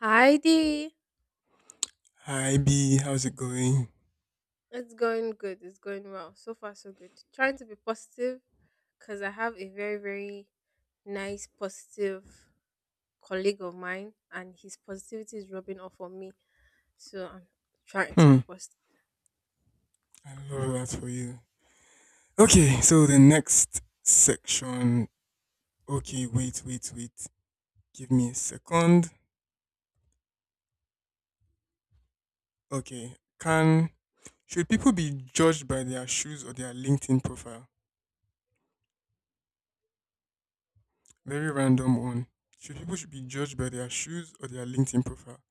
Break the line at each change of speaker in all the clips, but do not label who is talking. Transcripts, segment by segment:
Hi Dee.
Hi B, how's it going?
It's going good. It's going well. So far, so good. Trying to be positive because I have a very, very nice, positive colleague of mine, and his positivity is rubbing off on me. So I'm trying to be
Hmm,
positive.
I love that for you. Okay, so the next section. Okay, wait, wait, wait. Give me a second. Okay, can should people be judged by their shoes or their LinkedIn profile? Very random one. Should people should be judged by their shoes or their LinkedIn profile?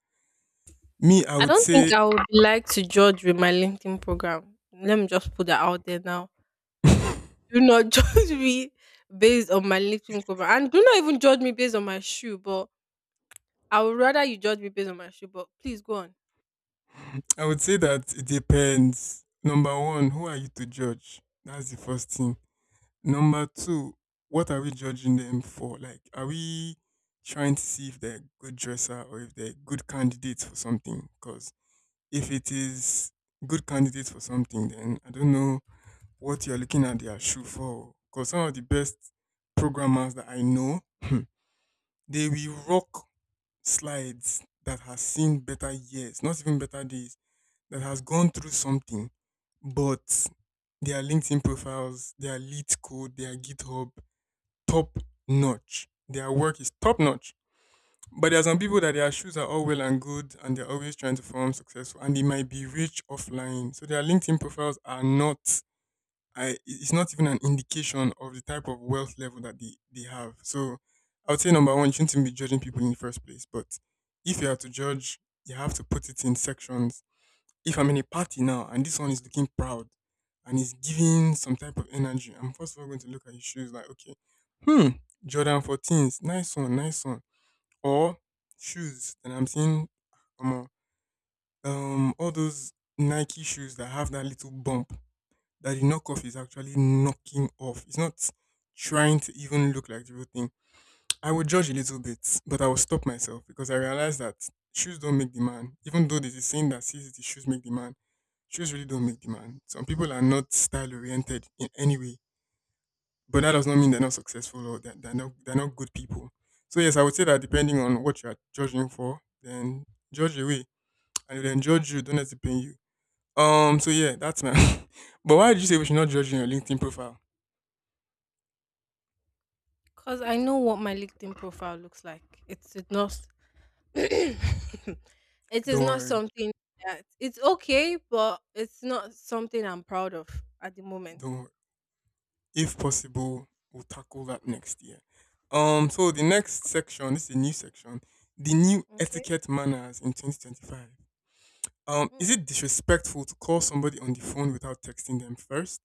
Me, I
I
would
don't think
say,
I would like to judge with my LinkedIn program. Let me just put that out there now. Do not judge me based on my LinkedIn program, and do not even judge me based on my shoe. But I would rather you judge me based on my shoe. But please go on.
I would say that it depends. Number one, who are you to judge? That's the first thing. Number two, what are we judging them for? Like, are we trying to see if they're a good dresser or if they're good candidates for something? Because if it is good candidates for something, then I don't know what you're looking at their shoe for. Because some of the best programmers that I know, they will rock slides that has seen better years, not even better days, that has gone through something, but their LinkedIn profiles, their lead code, their GitHub top notch. Their work is top notch. But there are some people that their shoes are all well and good and they're always trying to form successful and they might be rich offline. So their LinkedIn profiles are not I it's not even an indication of the type of wealth level that they have. So I would say number one, you shouldn't even be judging people in the first place. But if you are to judge, you have to put it in sections if I'm in a party now and this one is looking proud and is giving some type of energy, I'm first of all going to look at his shoes like, okay, hmm, Jordan 14s, nice one, nice one. Or shoes, and I'm seeing um, all those Nike shoes that have that little bump that the knockoff is actually knocking off. It's not trying to even look like the real thing. I would judge a little bit, but I would stop myself because I realized that shoes don't make the man. Even though there's a saying that says the shoes make the man, shoes really don't make the man. Some people are not style oriented in any way, but that does not mean they're not successful or that they're not good people. So yes, I would say that depending on what you are judging for, then judge away, and then judge you, don't let it pain you. So yeah, that's my. But why did you say we should not judge in your LinkedIn profile?
Cause I know what my LinkedIn profile looks like. It's not. It is
Don't
not
worry.
something that it's okay, but it's not something I'm proud of at the moment.
Don't worry. If possible, we'll tackle that next year. So the next section, this is a new section, the new
Okay.
etiquette manners in 2025. Is
Hmm.
it disrespectful to call somebody on the phone without texting them first?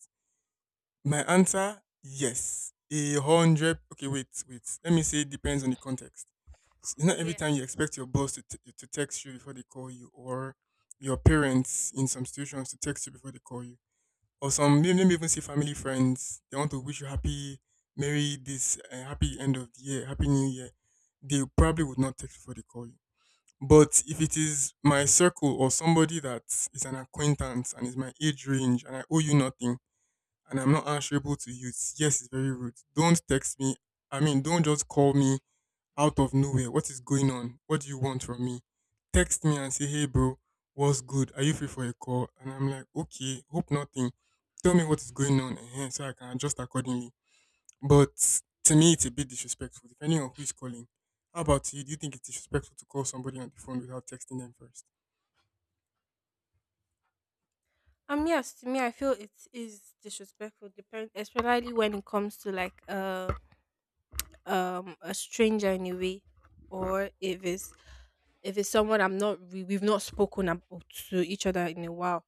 My answer, yes. A hundred. Okay, wait, wait. Let me say it depends on the context. It's not every
Yes.
time you expect your boss to, to text you before they call you, or your parents in some situations to text you before they call you. Or some maybe even say family friends. They want to wish you happy, merry this, happy end of the year, happy new year. They probably would not text before they call you. But if it is my circle or somebody that is an acquaintance and is my age range and I owe you nothing and I'm not answerable to you, yes, it's very rude. Don't text me. I mean, don't just call me out of nowhere. What is going on? What do you want from me? Text me and say, hey, bro, what's good? Are you free for a call? And I'm like, okay, hope nothing. Tell me what is going on eh, so I can adjust accordingly. But to me, it's a bit disrespectful, depending on who is calling. How about you? Do you think it's disrespectful to call somebody on the phone without texting them first?
Yes. To me, I feel it is disrespectful, depend especially when it comes to like a stranger in a way, or if it's someone I'm not we've not spoken about to each other in a while,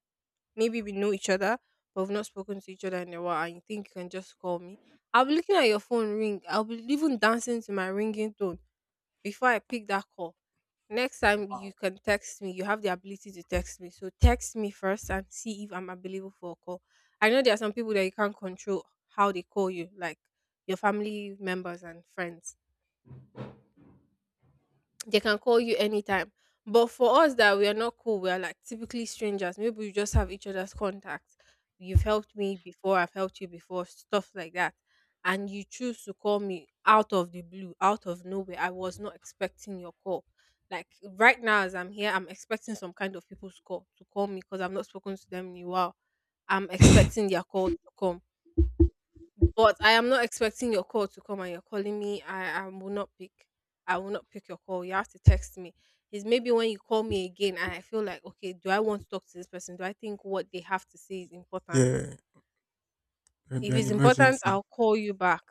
maybe we know each other, but we've not spoken to each other in a while, and you think you can just call me. I'll be looking at your phone ring. I'll be even dancing to my ringing tone before I pick that call. Next time you can text me, you have the ability to text me. So text me first and see if I'm available for a call. I know there are some people that you can't control how they call you, like your family members and friends, they can call you anytime. But for us that we are not cool, we are like typically strangers. Maybe we just have each other's contacts. You've helped me before, I've helped you before, stuff like that. And you choose to call me out of the blue, out of nowhere. I was not expecting your call. Like right now, as I'm here, I'm expecting some kind of people's call to call me because I've not spoken to them in a while. I'm expecting their call to come. But I am not expecting your call to come and you're calling me. I will not pick. I will not pick your call. You have to text me. It's maybe when you call me again and I feel like, okay, do I want to talk to this person? Do I think what they have to say is important?
Yeah, there'd be
If
an
it's important,
emergency.
I'll call you back.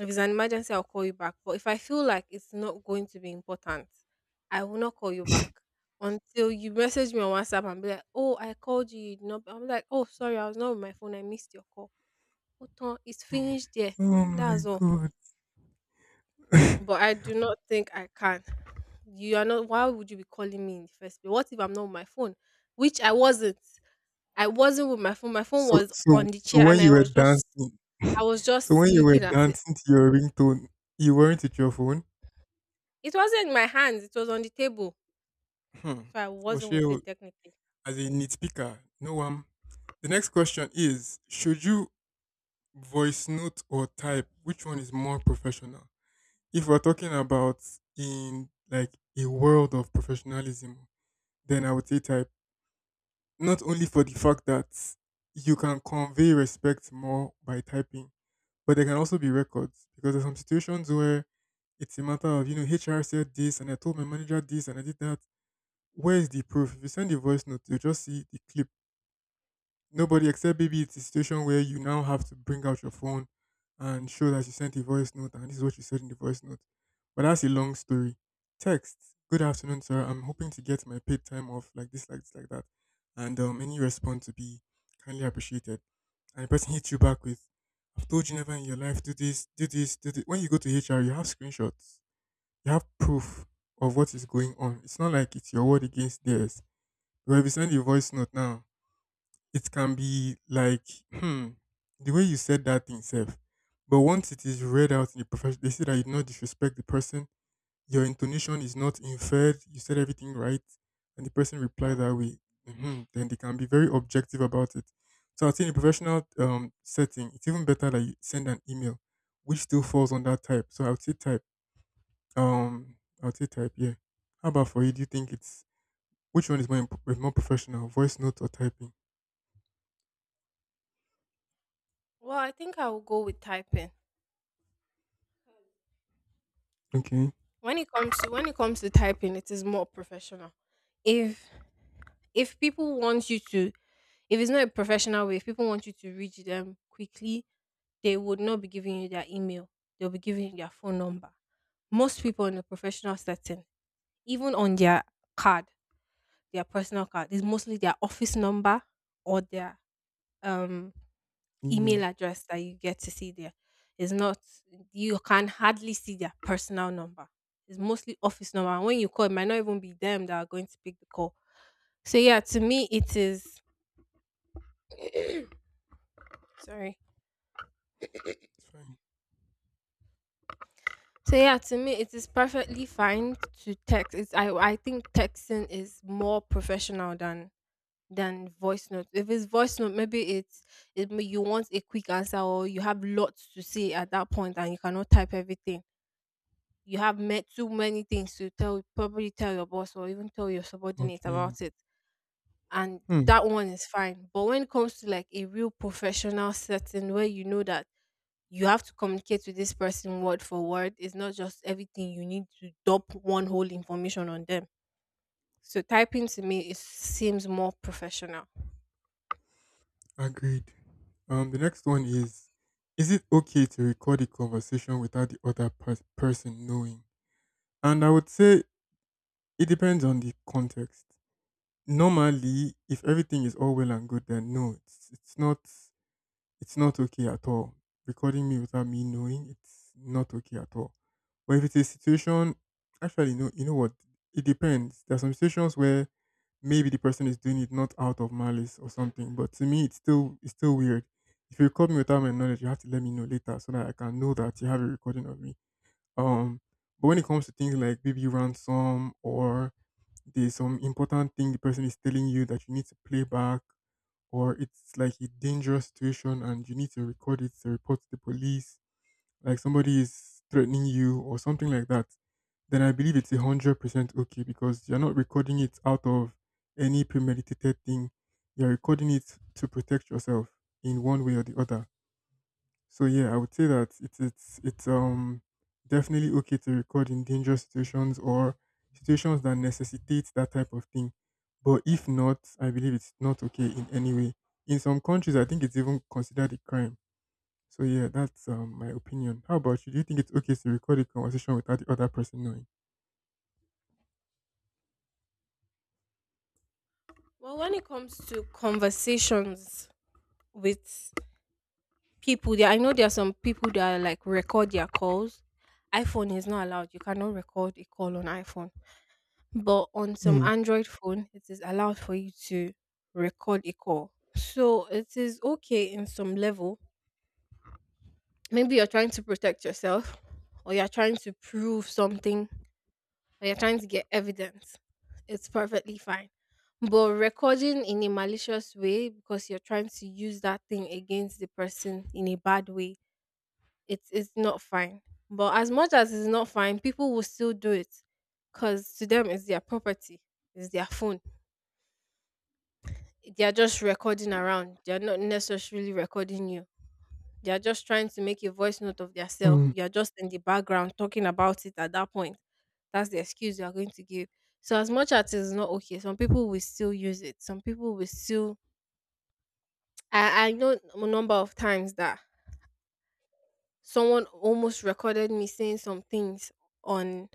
If it's an emergency, I'll call you back. But if I feel like it's not going to be important, I will not call you back until you message me on WhatsApp and be like, oh, I called you. You did not. I'm like, oh, sorry, I was not with my phone. I missed your call. Otan, it's finished there.
Oh my
That's all.
god.
But I do not think I can. You are not, why would you be calling me in the first place? What if I'm not with my phone? Which I wasn't. I wasn't with my phone. My phone
so
was
so
on the
so
chair
when
and I
you were
was just
dancing,
I was
so
just
when you were
looking at it.
dancing to your ringtone, you weren't with your phone?
It wasn't in my hands, it was on the table.
Hmm.
So I wasn't with
Oshio,
it technically.
as a nitpicker, no one. The next question is: should you voice note or type? Which one is more professional? If we're talking about in like a world of professionalism, then I would say type. Not only for the fact that you can convey respect more by typing, but there can also be records because there's some situations where it's a matter of HR said this and I told my manager this and I did that. Where is the proof? If you send a voice note, you'll just see the clip. Nobody except maybe it's a situation where you now have to bring out your phone and show that you sent a voice note and this is what you said in the voice note. But that's a long story. Text. Good afternoon, sir. I'm hoping to get my paid time off like this, like this, like that. And any response to be kindly appreciated. And the person hits you back with, I've told you never in your life, do this, do this, do this. When you go to HR, you have screenshots. You have proof of what is going on. It's not like it's your word against theirs. But if you send a voice note now, it can be like hmm, the way you said that thing self. But once it is read out in the profession, they say that you did not disrespect the person. Your intonation is not inferred. You said everything right, and the person replied that way. Then they can be very objective about it. So I think in a professional setting, it's even better that you send an email, which still falls under type. So I would say type. Um, I would say type. Yeah. How about for you? Do you think it's which one is more professional, voice note or typing?
Well, I think I will go with typing.
Okay.
When it comes to typing, it is more professional. If if people want you to, if it's not a professional way, if people want you to reach them quickly, they would not be giving you their email. They'll be giving you their phone number. Most people in the professional setting, even on their card, their personal card, is mostly their office number or their um, email
Email.
address that you get to see there. It's not, you can hardly see their personal number. It's mostly office number. And when you call, it might not even be them that are going to pick the call. So, yeah, to me, it is, sorry,
Fine.
so yeah, to me it is perfectly fine to text. It's I think texting is more professional than voice note. If it's voice note, maybe it's you want a quick answer or you have lots to say at that point and you cannot type everything. You have met too many things to tell, probably tell your boss or even tell your subordinate
Okay.
about it. And
Hmm.
that one is fine. But when it comes to like a real professional setting where you know that you have to communicate with this person word for word. It's not just everything, you need to dump one whole information on them. So typing to me it seems more professional.
Agreed. The next one is: is it okay to record a conversation without the other person knowing? And I would say it depends on the context. Normally, if everything is all well and good, then no, it's not okay at all. Recording me without me knowing, it's not okay at all. But if it's a situation, actually, no, you know what? It depends. There are some situations where maybe the person is doing it not out of malice or something. But to me, it's still weird. If you record me without my knowledge, you have to let me know later so that I can know that you have a recording of me. Um, but when it comes to things like baby ransom or there's some important thing the person is telling you that you need to play back, or it's like a dangerous situation and you need to record it to report to the police like somebody is threatening you or something like that, then I believe it's 100% okay because you're not recording it out of any premeditated thing. You're recording it to protect yourself in one way or the other. So yeah, I would say that it's definitely okay to record in dangerous situations or situations that necessitate that type of thing. But if not, I believe it's not okay in any way. In some countries, I think it's even considered a crime, so yeah, that's my opinion. How about you? Do you think it's okay to record a conversation without the other person knowing?
Well, when it comes to conversations with people, there, I know there are some people that like record their calls. iPhone is not allowed. You cannot record a call on iPhone. But on some
Mm,
Android phone, it is allowed for you to record a call. So it is okay in some level, maybe you're trying to protect yourself, or you're trying to prove something, or you're trying to get evidence, it's perfectly fine. But recording in a malicious way because you're trying to use that thing against the person in a bad way, it's not fine. But as much as it's not fine, people will still do it because to them it's their property, it's their phone, they are just recording around, they are not necessarily recording you. They are just trying to make a voice note of theirself.
mm.
You are just in the background talking about it at that point. That's the excuse you are going to give. So as much as it's not okay, some people will still use it. Some people will still. I know a number of times that someone almost recorded me saying some things on.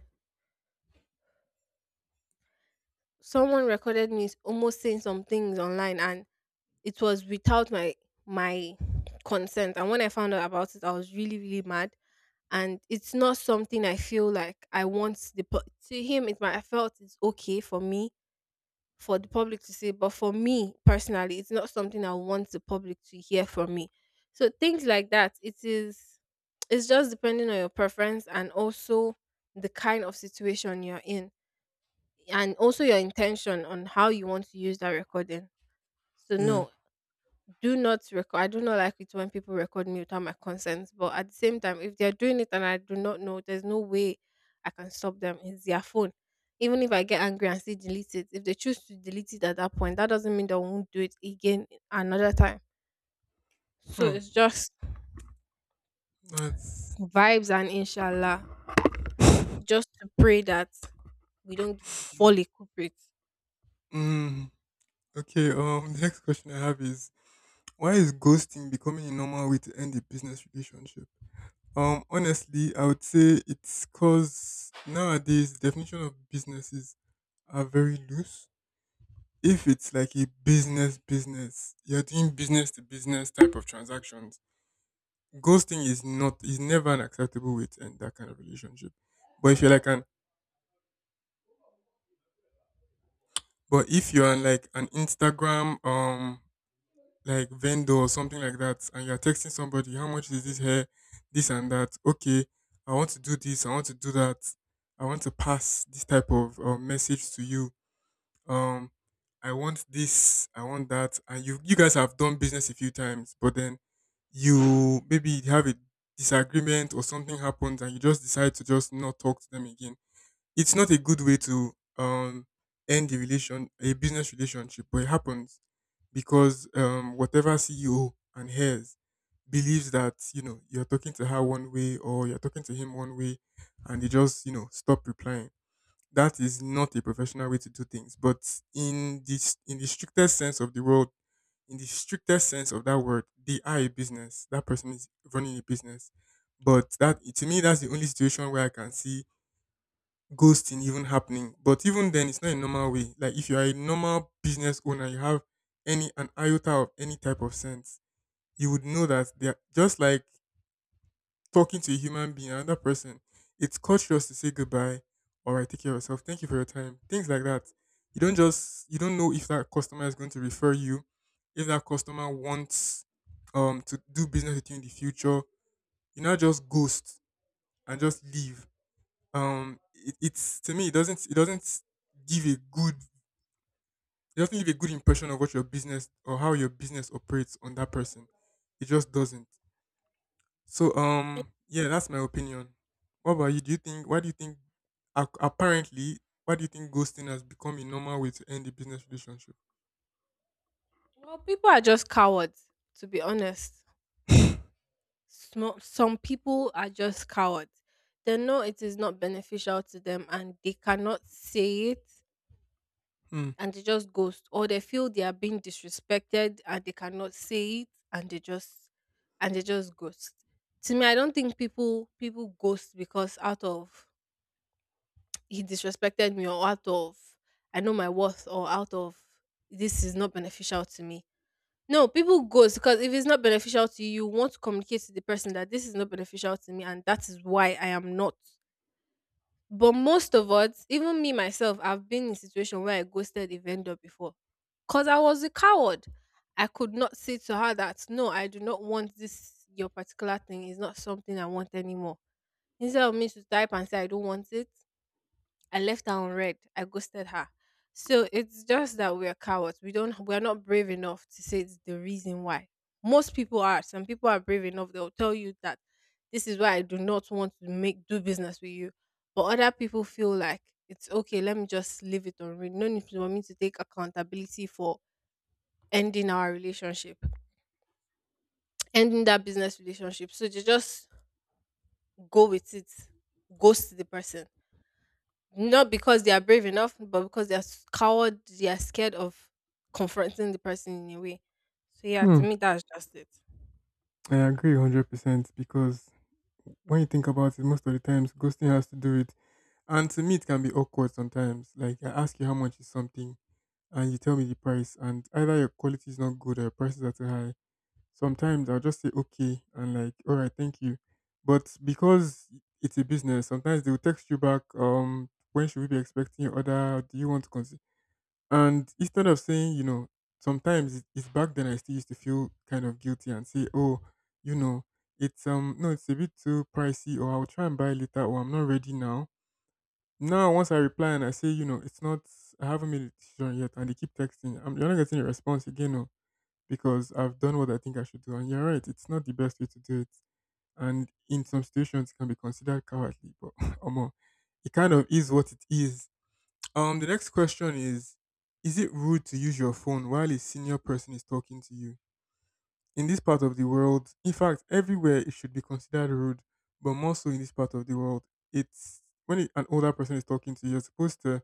Someone recorded me almost saying some things online, and it was without my my consent. And when I found out about it, I was really really mad and it's not something I feel like I want the pu- to him. It might, I felt it's okay for me, for the public to see, but for me personally, it's not something I want the public to hear from me. So things like that, it is. It's just depending on your preference and also the kind of situation you're in, and also your intention on how you want to use that recording. So
Yeah.
no, do not record. I do not like it when people record me without my consent. But at the same time, if they're doing it and I do not know, there's no way I can stop them. It's their phone. Even if I get angry and say delete it, if they choose to delete it at that point, that doesn't mean they won't do it again another time. So
Hmm.
it's just
That's.
vibes and inshallah, just to pray that we don't fall a culprit.
Mm, okay. The next question I have is why is ghosting becoming a normal way to end a business relationship? Honestly, I would say it's cause nowadays the definition of businesses are very loose. If it's like a business business, you're doing business to business type of transactions, ghosting is never an acceptable way to end that kind of relationship. But if you're like an but if you're on like an Instagram like vendor or something like that and you're texting somebody, how much is this hair? This and that. Okay, I want to do this, I want to do that, I want to pass this type of message to you. Um I want this, I want that, and you guys have done business a few times, but then you maybe have a disagreement or something happens and you just decide to just not talk to them again. It's not a good way to um end the relation a business relationship, but it happens because whatever CEO and hers believes that you're talking to her one way or you're talking to him one way, and they just stop replying. That is not a professional way to do things, but in the strictest sense of the world, in the strictest sense of that word, they are a business. That person is running a business. But that, to me, that's the only situation where I can see ghosting even happening. But even then, it's not a normal way. Like, if you are a normal business owner, you have any an iota of any type of sense, you would know that they are just like talking to a human being, another person. It's courteous to say goodbye. All right, take care of yourself. Thank you for your time. Things like that. You don't know if that customer is going to refer you, if that customer wants to do business with you in the future. You not just ghost and just leave. It's, to me, it doesn't give a good it doesn't give a good impression of what your business or how your business operates on that person. It just doesn't. So yeah, that's my opinion. What about you? Do you think why do you think ap- apparently why do you think ghosting has become a normal way to end a business relationship?
Well, people are just cowards, to be honest. Some people are just cowards. They know it is not beneficial to them and they cannot say it
Hmm.
and they just ghost, or they feel they are being disrespected and they cannot say it and they just ghost. To me, I don't think people ghost because out of he disrespected me, or out of I know my worth, or out of this is not beneficial to me. No, people goes because if it's not beneficial to you, you want to communicate to the person that this is not beneficial to me and that is why I am not. But most of us, even me myself, I've been in a situation where I ghosted a vendor before. Because I was a coward. I could not say to her that no, I do not want this your particular thing. It's not something I want anymore. Instead of me to type and say I don't want it, I left her on red. I ghosted her. So it's just that we are cowards. We don't, we are not brave enough to say it's the reason why. Most people are. Some people are brave enough. They'll tell you that this is why I do not want to make do business with you. But other people feel like it's okay, let me just leave it on read. No need for me to take accountability for ending our relationship, ending that business relationship. So they just go with it, ghost the person. Not because they are brave enough, but because they are coward, they are scared of confronting the person in a way. So yeah,
Hmm.
to me that's just it.
I agree 100%, because when you think about it, most of the times ghosting has to do with, and to me it can be awkward sometimes. Like, I ask you how much is something and you tell me the price and either your quality is not good or your prices are too high. Sometimes I'll just say okay and like, all right, thank you. But because it's a business, sometimes they will text you back, when should we be expecting your order? Do you want to consider? And instead of saying, sometimes it's, back then I still used to feel kind of guilty and say, oh, you know, it's no, it's a bit too pricey, or I'll try and buy later, or I'm not ready now. Now, once I reply and I say, it's not, I haven't made a decision yet, and they keep texting, you're not getting a response again. Oh, because I've done what I think I should do. And you're right, it's not the best way to do it. And in some situations, it can be considered cowardly, but Omo, it kind of is what it is. The next question is: Is it rude to use your phone while a senior person is talking to you? In this part of the world, in fact, everywhere it should be considered rude, but more so in this part of the world. An older person is talking to you, you're supposed to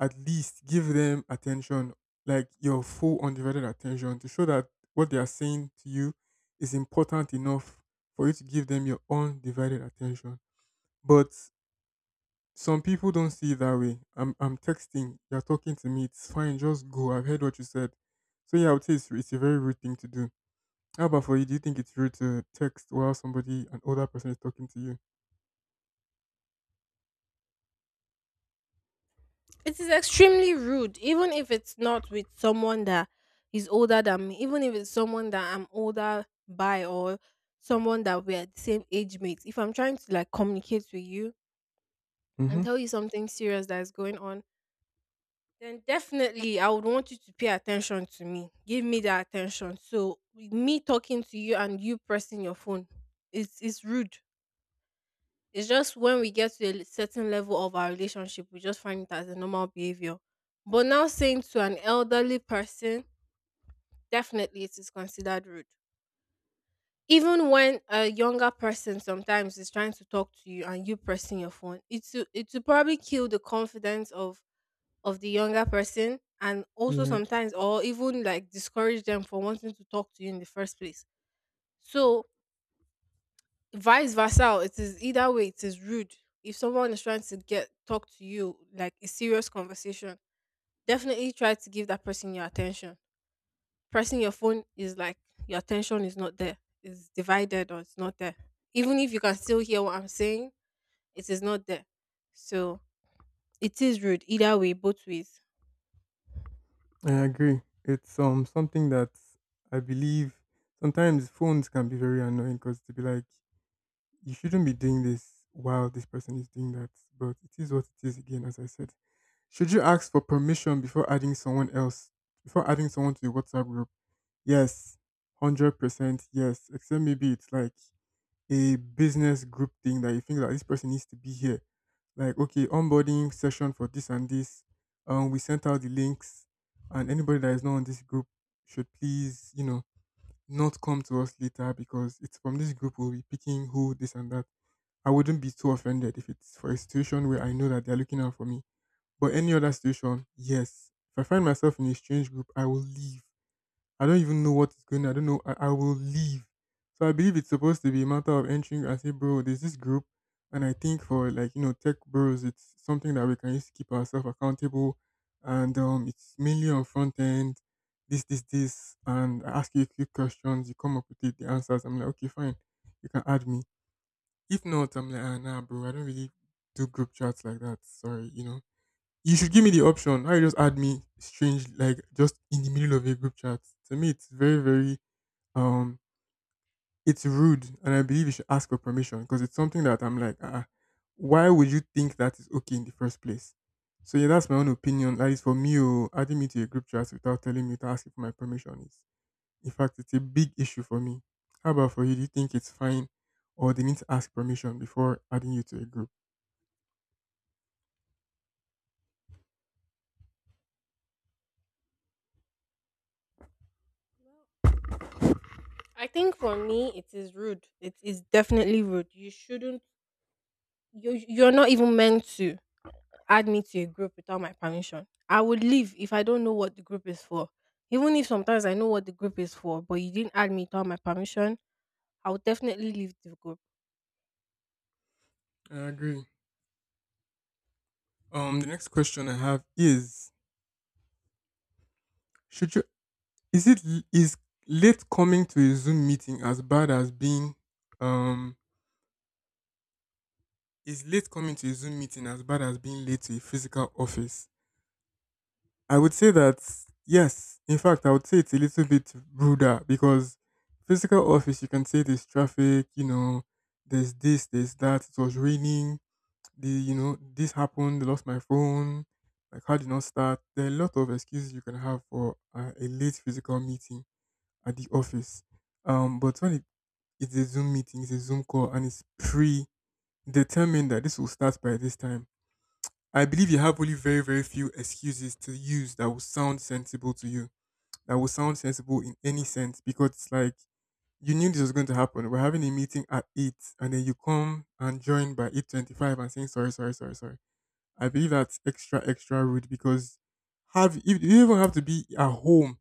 at least give them attention, like your full undivided attention, to show that what they are saying to you is important enough for you to give them your undivided attention. But some people don't see it that way. I'm texting, you're talking to me, it's fine, just go. I've heard what you said. So yeah, I would say it's a very rude thing to do. How about for you? Do you think it's rude to text while somebody, an older person, is talking to you?
It is extremely rude, even if it's not with someone that is older than me, even if it's someone that I'm older by or someone that we're the same age mates. If I'm trying to communicate with you and
Mm-hmm.
tell you something serious that is going on, then definitely I would want you to pay attention to me. Give me that attention. So with me talking to you and you pressing your phone, it's rude. It's just when we get to a certain level of our relationship, we just find it as a normal behavior. But now saying to an elderly person, definitely it is considered rude. Even when a younger person sometimes is trying to talk to you and you pressing your phone, it will probably kill the confidence of the younger person, and also
Yeah.
sometimes or even discourage them from wanting to talk to you in the first place. So vice versa, it is either way, it is rude. If someone is trying to get talk to you like a serious conversation, definitely try to give that person your attention. Pressing your phone is like your attention is not there. It's divided, or it's not there. Even if you can still hear what I'm saying, it is not there. So it is rude either way, both ways.
I agree. It's something that I believe. Sometimes phones can be very annoying, because to be like, you shouldn't be doing this while this person is doing that, but it is what it is again. As I said, should you ask for permission before adding someone to the WhatsApp group? Yes, 100%. Yes, except maybe it's like a business group thing that you think that this person needs to be here. Like, okay, onboarding session for this and this. We sent out the links, and anybody that is not on this group should please, not come to us later, because it's from this group we'll be picking who this and that. I wouldn't be too offended if it's for a situation where I know that they're looking out for me. But any other situation, yes. If I find myself in a strange group, I will leave. I don't even know what is going on. I don't know. I will leave. So I believe it's supposed to be a matter of entering and say, bro, there's this group. And I think for like, tech bros, it's something that we can use to keep ourselves accountable. And it's mainly on front end, this, this, this. And I ask you a few questions. You come up with it, the answers. I'm like, okay, fine. You can add me. If not, I'm like, ah, nah, bro, I don't really do group chats like that. Sorry, you know. You should give me the option. Now you just add me strange, like just in the middle of a group chat. To me, it's very, very um, it's rude, and I believe you should ask for permission, because it's something that I'm like, ah, why would you think that is okay in the first place? So yeah, that's my own opinion. That is for me, oh, adding me to a group chat without telling me to ask for my permission is, in fact, it's a big issue for me. How about for you? Do you think it's fine, or they need to ask permission before adding you to a group?
I think for me, it is rude. It is definitely rude. You shouldn't. You're not even meant to add me to a group without my permission. I would leave if I don't know what the group is for. Even if sometimes I know what the group is for, but you didn't add me without my permission, I would definitely leave the group.
I agree. The next question I have is: Should you Is late coming to a Zoom meeting as bad as being um is late coming to a Zoom meeting as bad as being late to a physical office? I would say that yes. In fact, I would say it's a little bit ruder, because physical office you can say there's traffic, there's this, there's that, it was raining, this happened, I lost my phone, my car did not start. There are a lot of excuses you can have for a late physical meeting at the office. But when it It's a Zoom meeting, it's a Zoom call, and it's predetermined that this will start by this time. I believe you have only very, very few excuses to use that will sound sensible to you, that will sound sensible in any sense, because it's like you knew this was going to happen. We're having a meeting at eight, and then you come and join by 8:25 and saying sorry, sorry, sorry, sorry. I believe that's extra, extra rude, because have if you even have to be at home,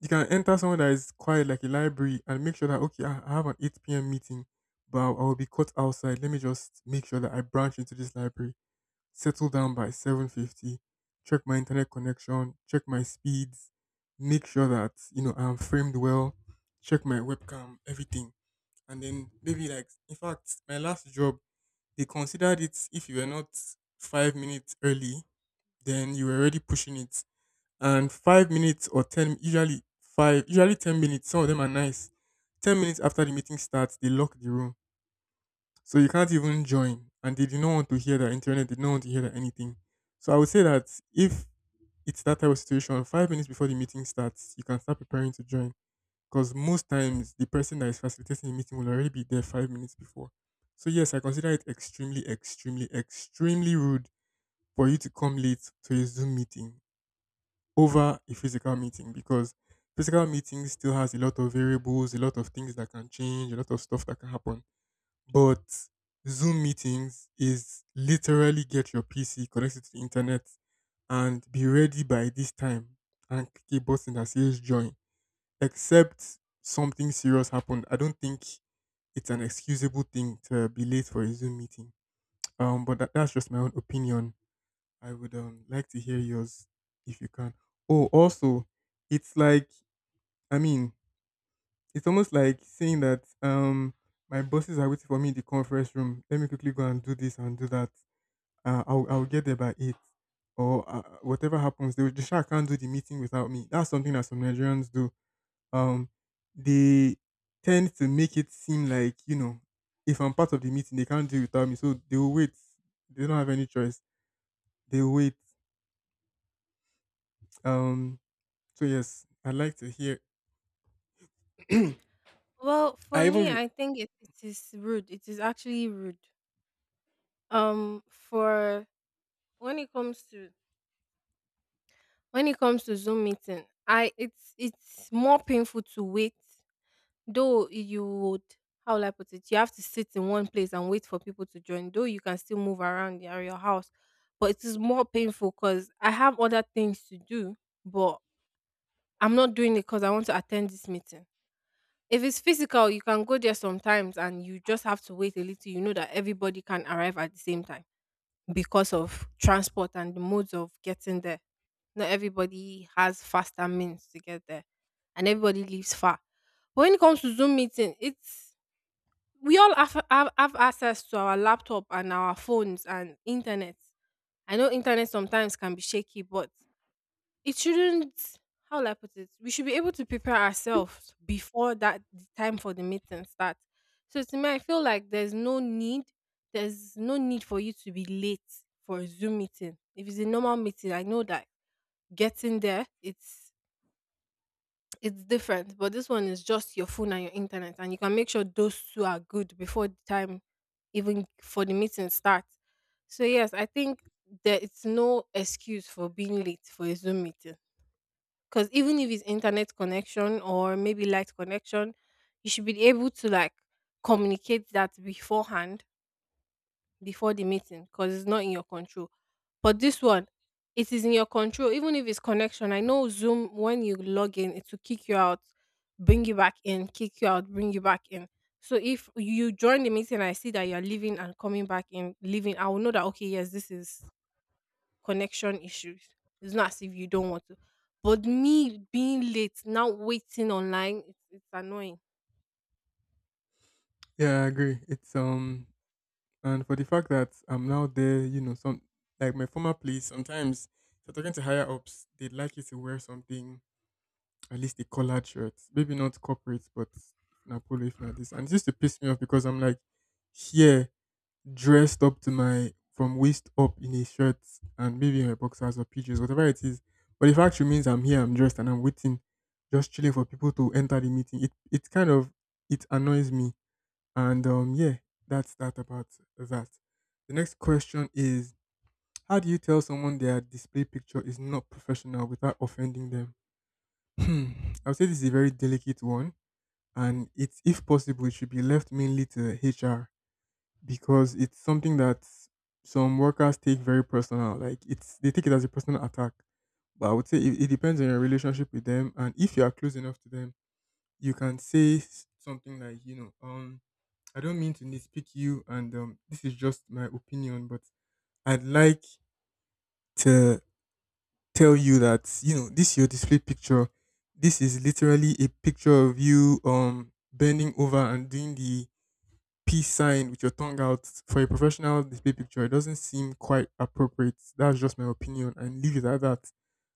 you can enter somewhere that is quiet, like a library, and make sure that, okay, I have an 8 p.m. meeting, but I will be caught outside. Let me just make sure that I branch into this library, settle down by 7:50, check my internet connection, check my speeds, make sure that I'm framed well, check my webcam, everything. And then maybe, like, in fact, my last job, they considered it: if you were not 5 minutes early, then you were already pushing it. And 5 minutes or ten, usually five, usually 10 minutes, some of them are nice. 10 minutes after the meeting starts, they lock the room, so you can't even join, and they did not want to hear that internet, they do not want to hear that anything. So I would say that, if it's that type of situation, 5 minutes before the meeting starts, you can start preparing to join, because most times the person that is facilitating the meeting will already be there 5 minutes before. So yes, I consider it extremely, extremely, extremely rude for you to come late to a Zoom meeting over a physical meeting, because physical meeting still has a lot of variables, a lot of things that can change, a lot of stuff that can happen. But Zoom meetings is literally get your PC, connect it to the internet, and be ready by this time and click a button that says join. Except something serious happened, I don't think it's an excusable thing to be late for a Zoom meeting. But that's just my own opinion. I would like to hear yours if you can. Oh, also, it's like, I mean, it's almost like saying that my bosses are waiting for me in the conference room. Let me quickly go and do this and do that. I'll get there by eight, or whatever happens. The shark can't do the meeting without me. That's something that some Nigerians do. Um, they tend to make it seem like, if I'm part of the meeting, they can't do it without me. So they will wait. They don't have any choice. They will wait. Um. So yes, I'd like to hear. I
Well, for
even
me,
re-
I think it is rude. It is actually rude. For when it comes to when it comes to Zoom meeting, I it's more painful to wait. Though you would, how will I put it? You have to sit in one place and wait for people to join. Though you can still move around your house, but it is more painful because I have other things to do, but I'm not doing it because I want to attend this meeting. If it's physical, you can go there sometimes and you just have to wait a little. You know that everybody can arrive at the same time because of transport and the modes of getting there. Not everybody has faster means to get there, and everybody lives far. But when it comes to Zoom meeting, it's we all have access to our laptop and our phones and internet. I know internet sometimes can be shaky, but it shouldn't. How will I put it? We should be able to prepare ourselves before that the time for the meeting starts. So to me, I feel like there's no need. There's no need for you to be late for a Zoom meeting. If it's a normal meeting, I know that getting there, it's different, but this one is just your phone and your internet, and you can make sure those two are good before the time, even for the meeting starts. So yes, I think there is no excuse for being late for a Zoom meeting because even if it's internet connection or maybe light connection, you should be able to communicate that beforehand before the meeting because it's not in your control. But this one, it is in your control, even if it's connection. I know Zoom, when you log in, it will kick you out, bring you back in, kick you out, bring you back in. So if you join the meeting, and I see that you're leaving and coming back in, leaving, I will know that, okay, yes, this is connection issues. It's not as if you don't want to. But me being late, now waiting online, it's annoying.
yeah, I agree. It's And for the fact that I'm now there, some, like my former place, sometimes if you're talking to higher ups, they'd like you to wear something, at least a collared shirt. Maybe not corporate, but if not polo, if not this. And it used to piss me off because I'm like, here, dressed up to my from waist up in a shirt, and maybe my boxers or PJs, whatever it is. But the fact remains I'm here, I'm dressed, and I'm waiting, just chilling for people to enter the meeting. It kind of it annoys me, and yeah, that's that about that. The next question is: How do you tell someone their display picture is not professional without offending them? Hmm, I would say this is a very delicate one. And it's, if possible, it should be left mainly to HR, because it's something that some workers take very personal. Like, it's they take it as a personal attack. But I would say it depends on your relationship with them. And if you are close enough to them, you can say something like, I don't mean to nitpick you, and this is just my opinion, but I'd like to tell you that, this your display picture, this is literally a picture of you bending over and doing the peace sign with your tongue out for a professional display picture. It doesn't seem quite appropriate. That's just my opinion, and leave it at that.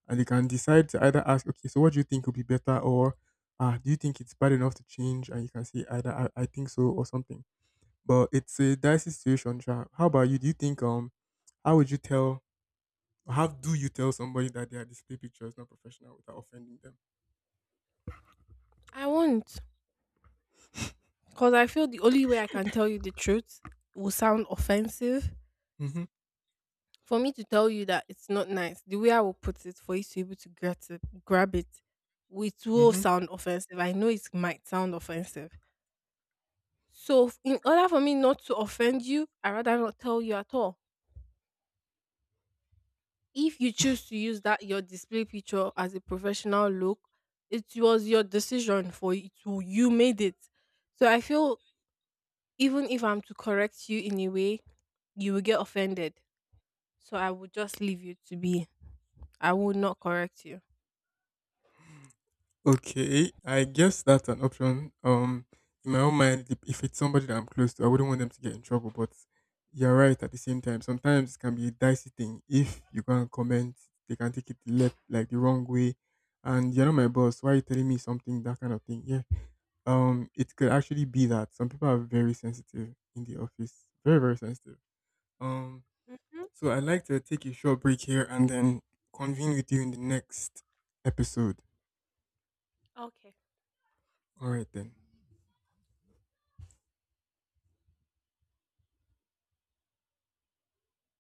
And you can decide to either ask, okay, so what do you think would be better, or ah, do you think it's bad enough to change? And you can say either I think so, or something, but it's a dicey situation, Sha. How about you? Do you think how would you tell how do you tell somebody that their display picture is not professional without offending them?
I won't. Because I feel the only way I can tell you the truth will sound offensive.
Mm-hmm.
For me to tell you that it's not nice, the way I will put it for you to be able to get it, grab it, it will
Mm-hmm.
sound offensive. I know it might sound offensive. So, in order for me not to offend you, I rather not tell you at all. If you choose to use that your display picture as a professional look, it was your decision for it. You made it. So I feel even if I'm to correct you in a way, you will get offended. So I would just leave you to be. I will not correct you.
Okay. I guess that's an option. In my own mind, if it's somebody that I'm close to, I wouldn't want them to get in trouble. But you're right, at the same time. Sometimes it can be a dicey thing. If you can't comment, they can take it the left like the wrong way. And you're not my boss. Why are you telling me something, that kind of thing? Yeah. It could actually be that some people are very sensitive in the office, very, very sensitive. Um, so I'd like to take a short break here and then convene with you in the next episode. All right then.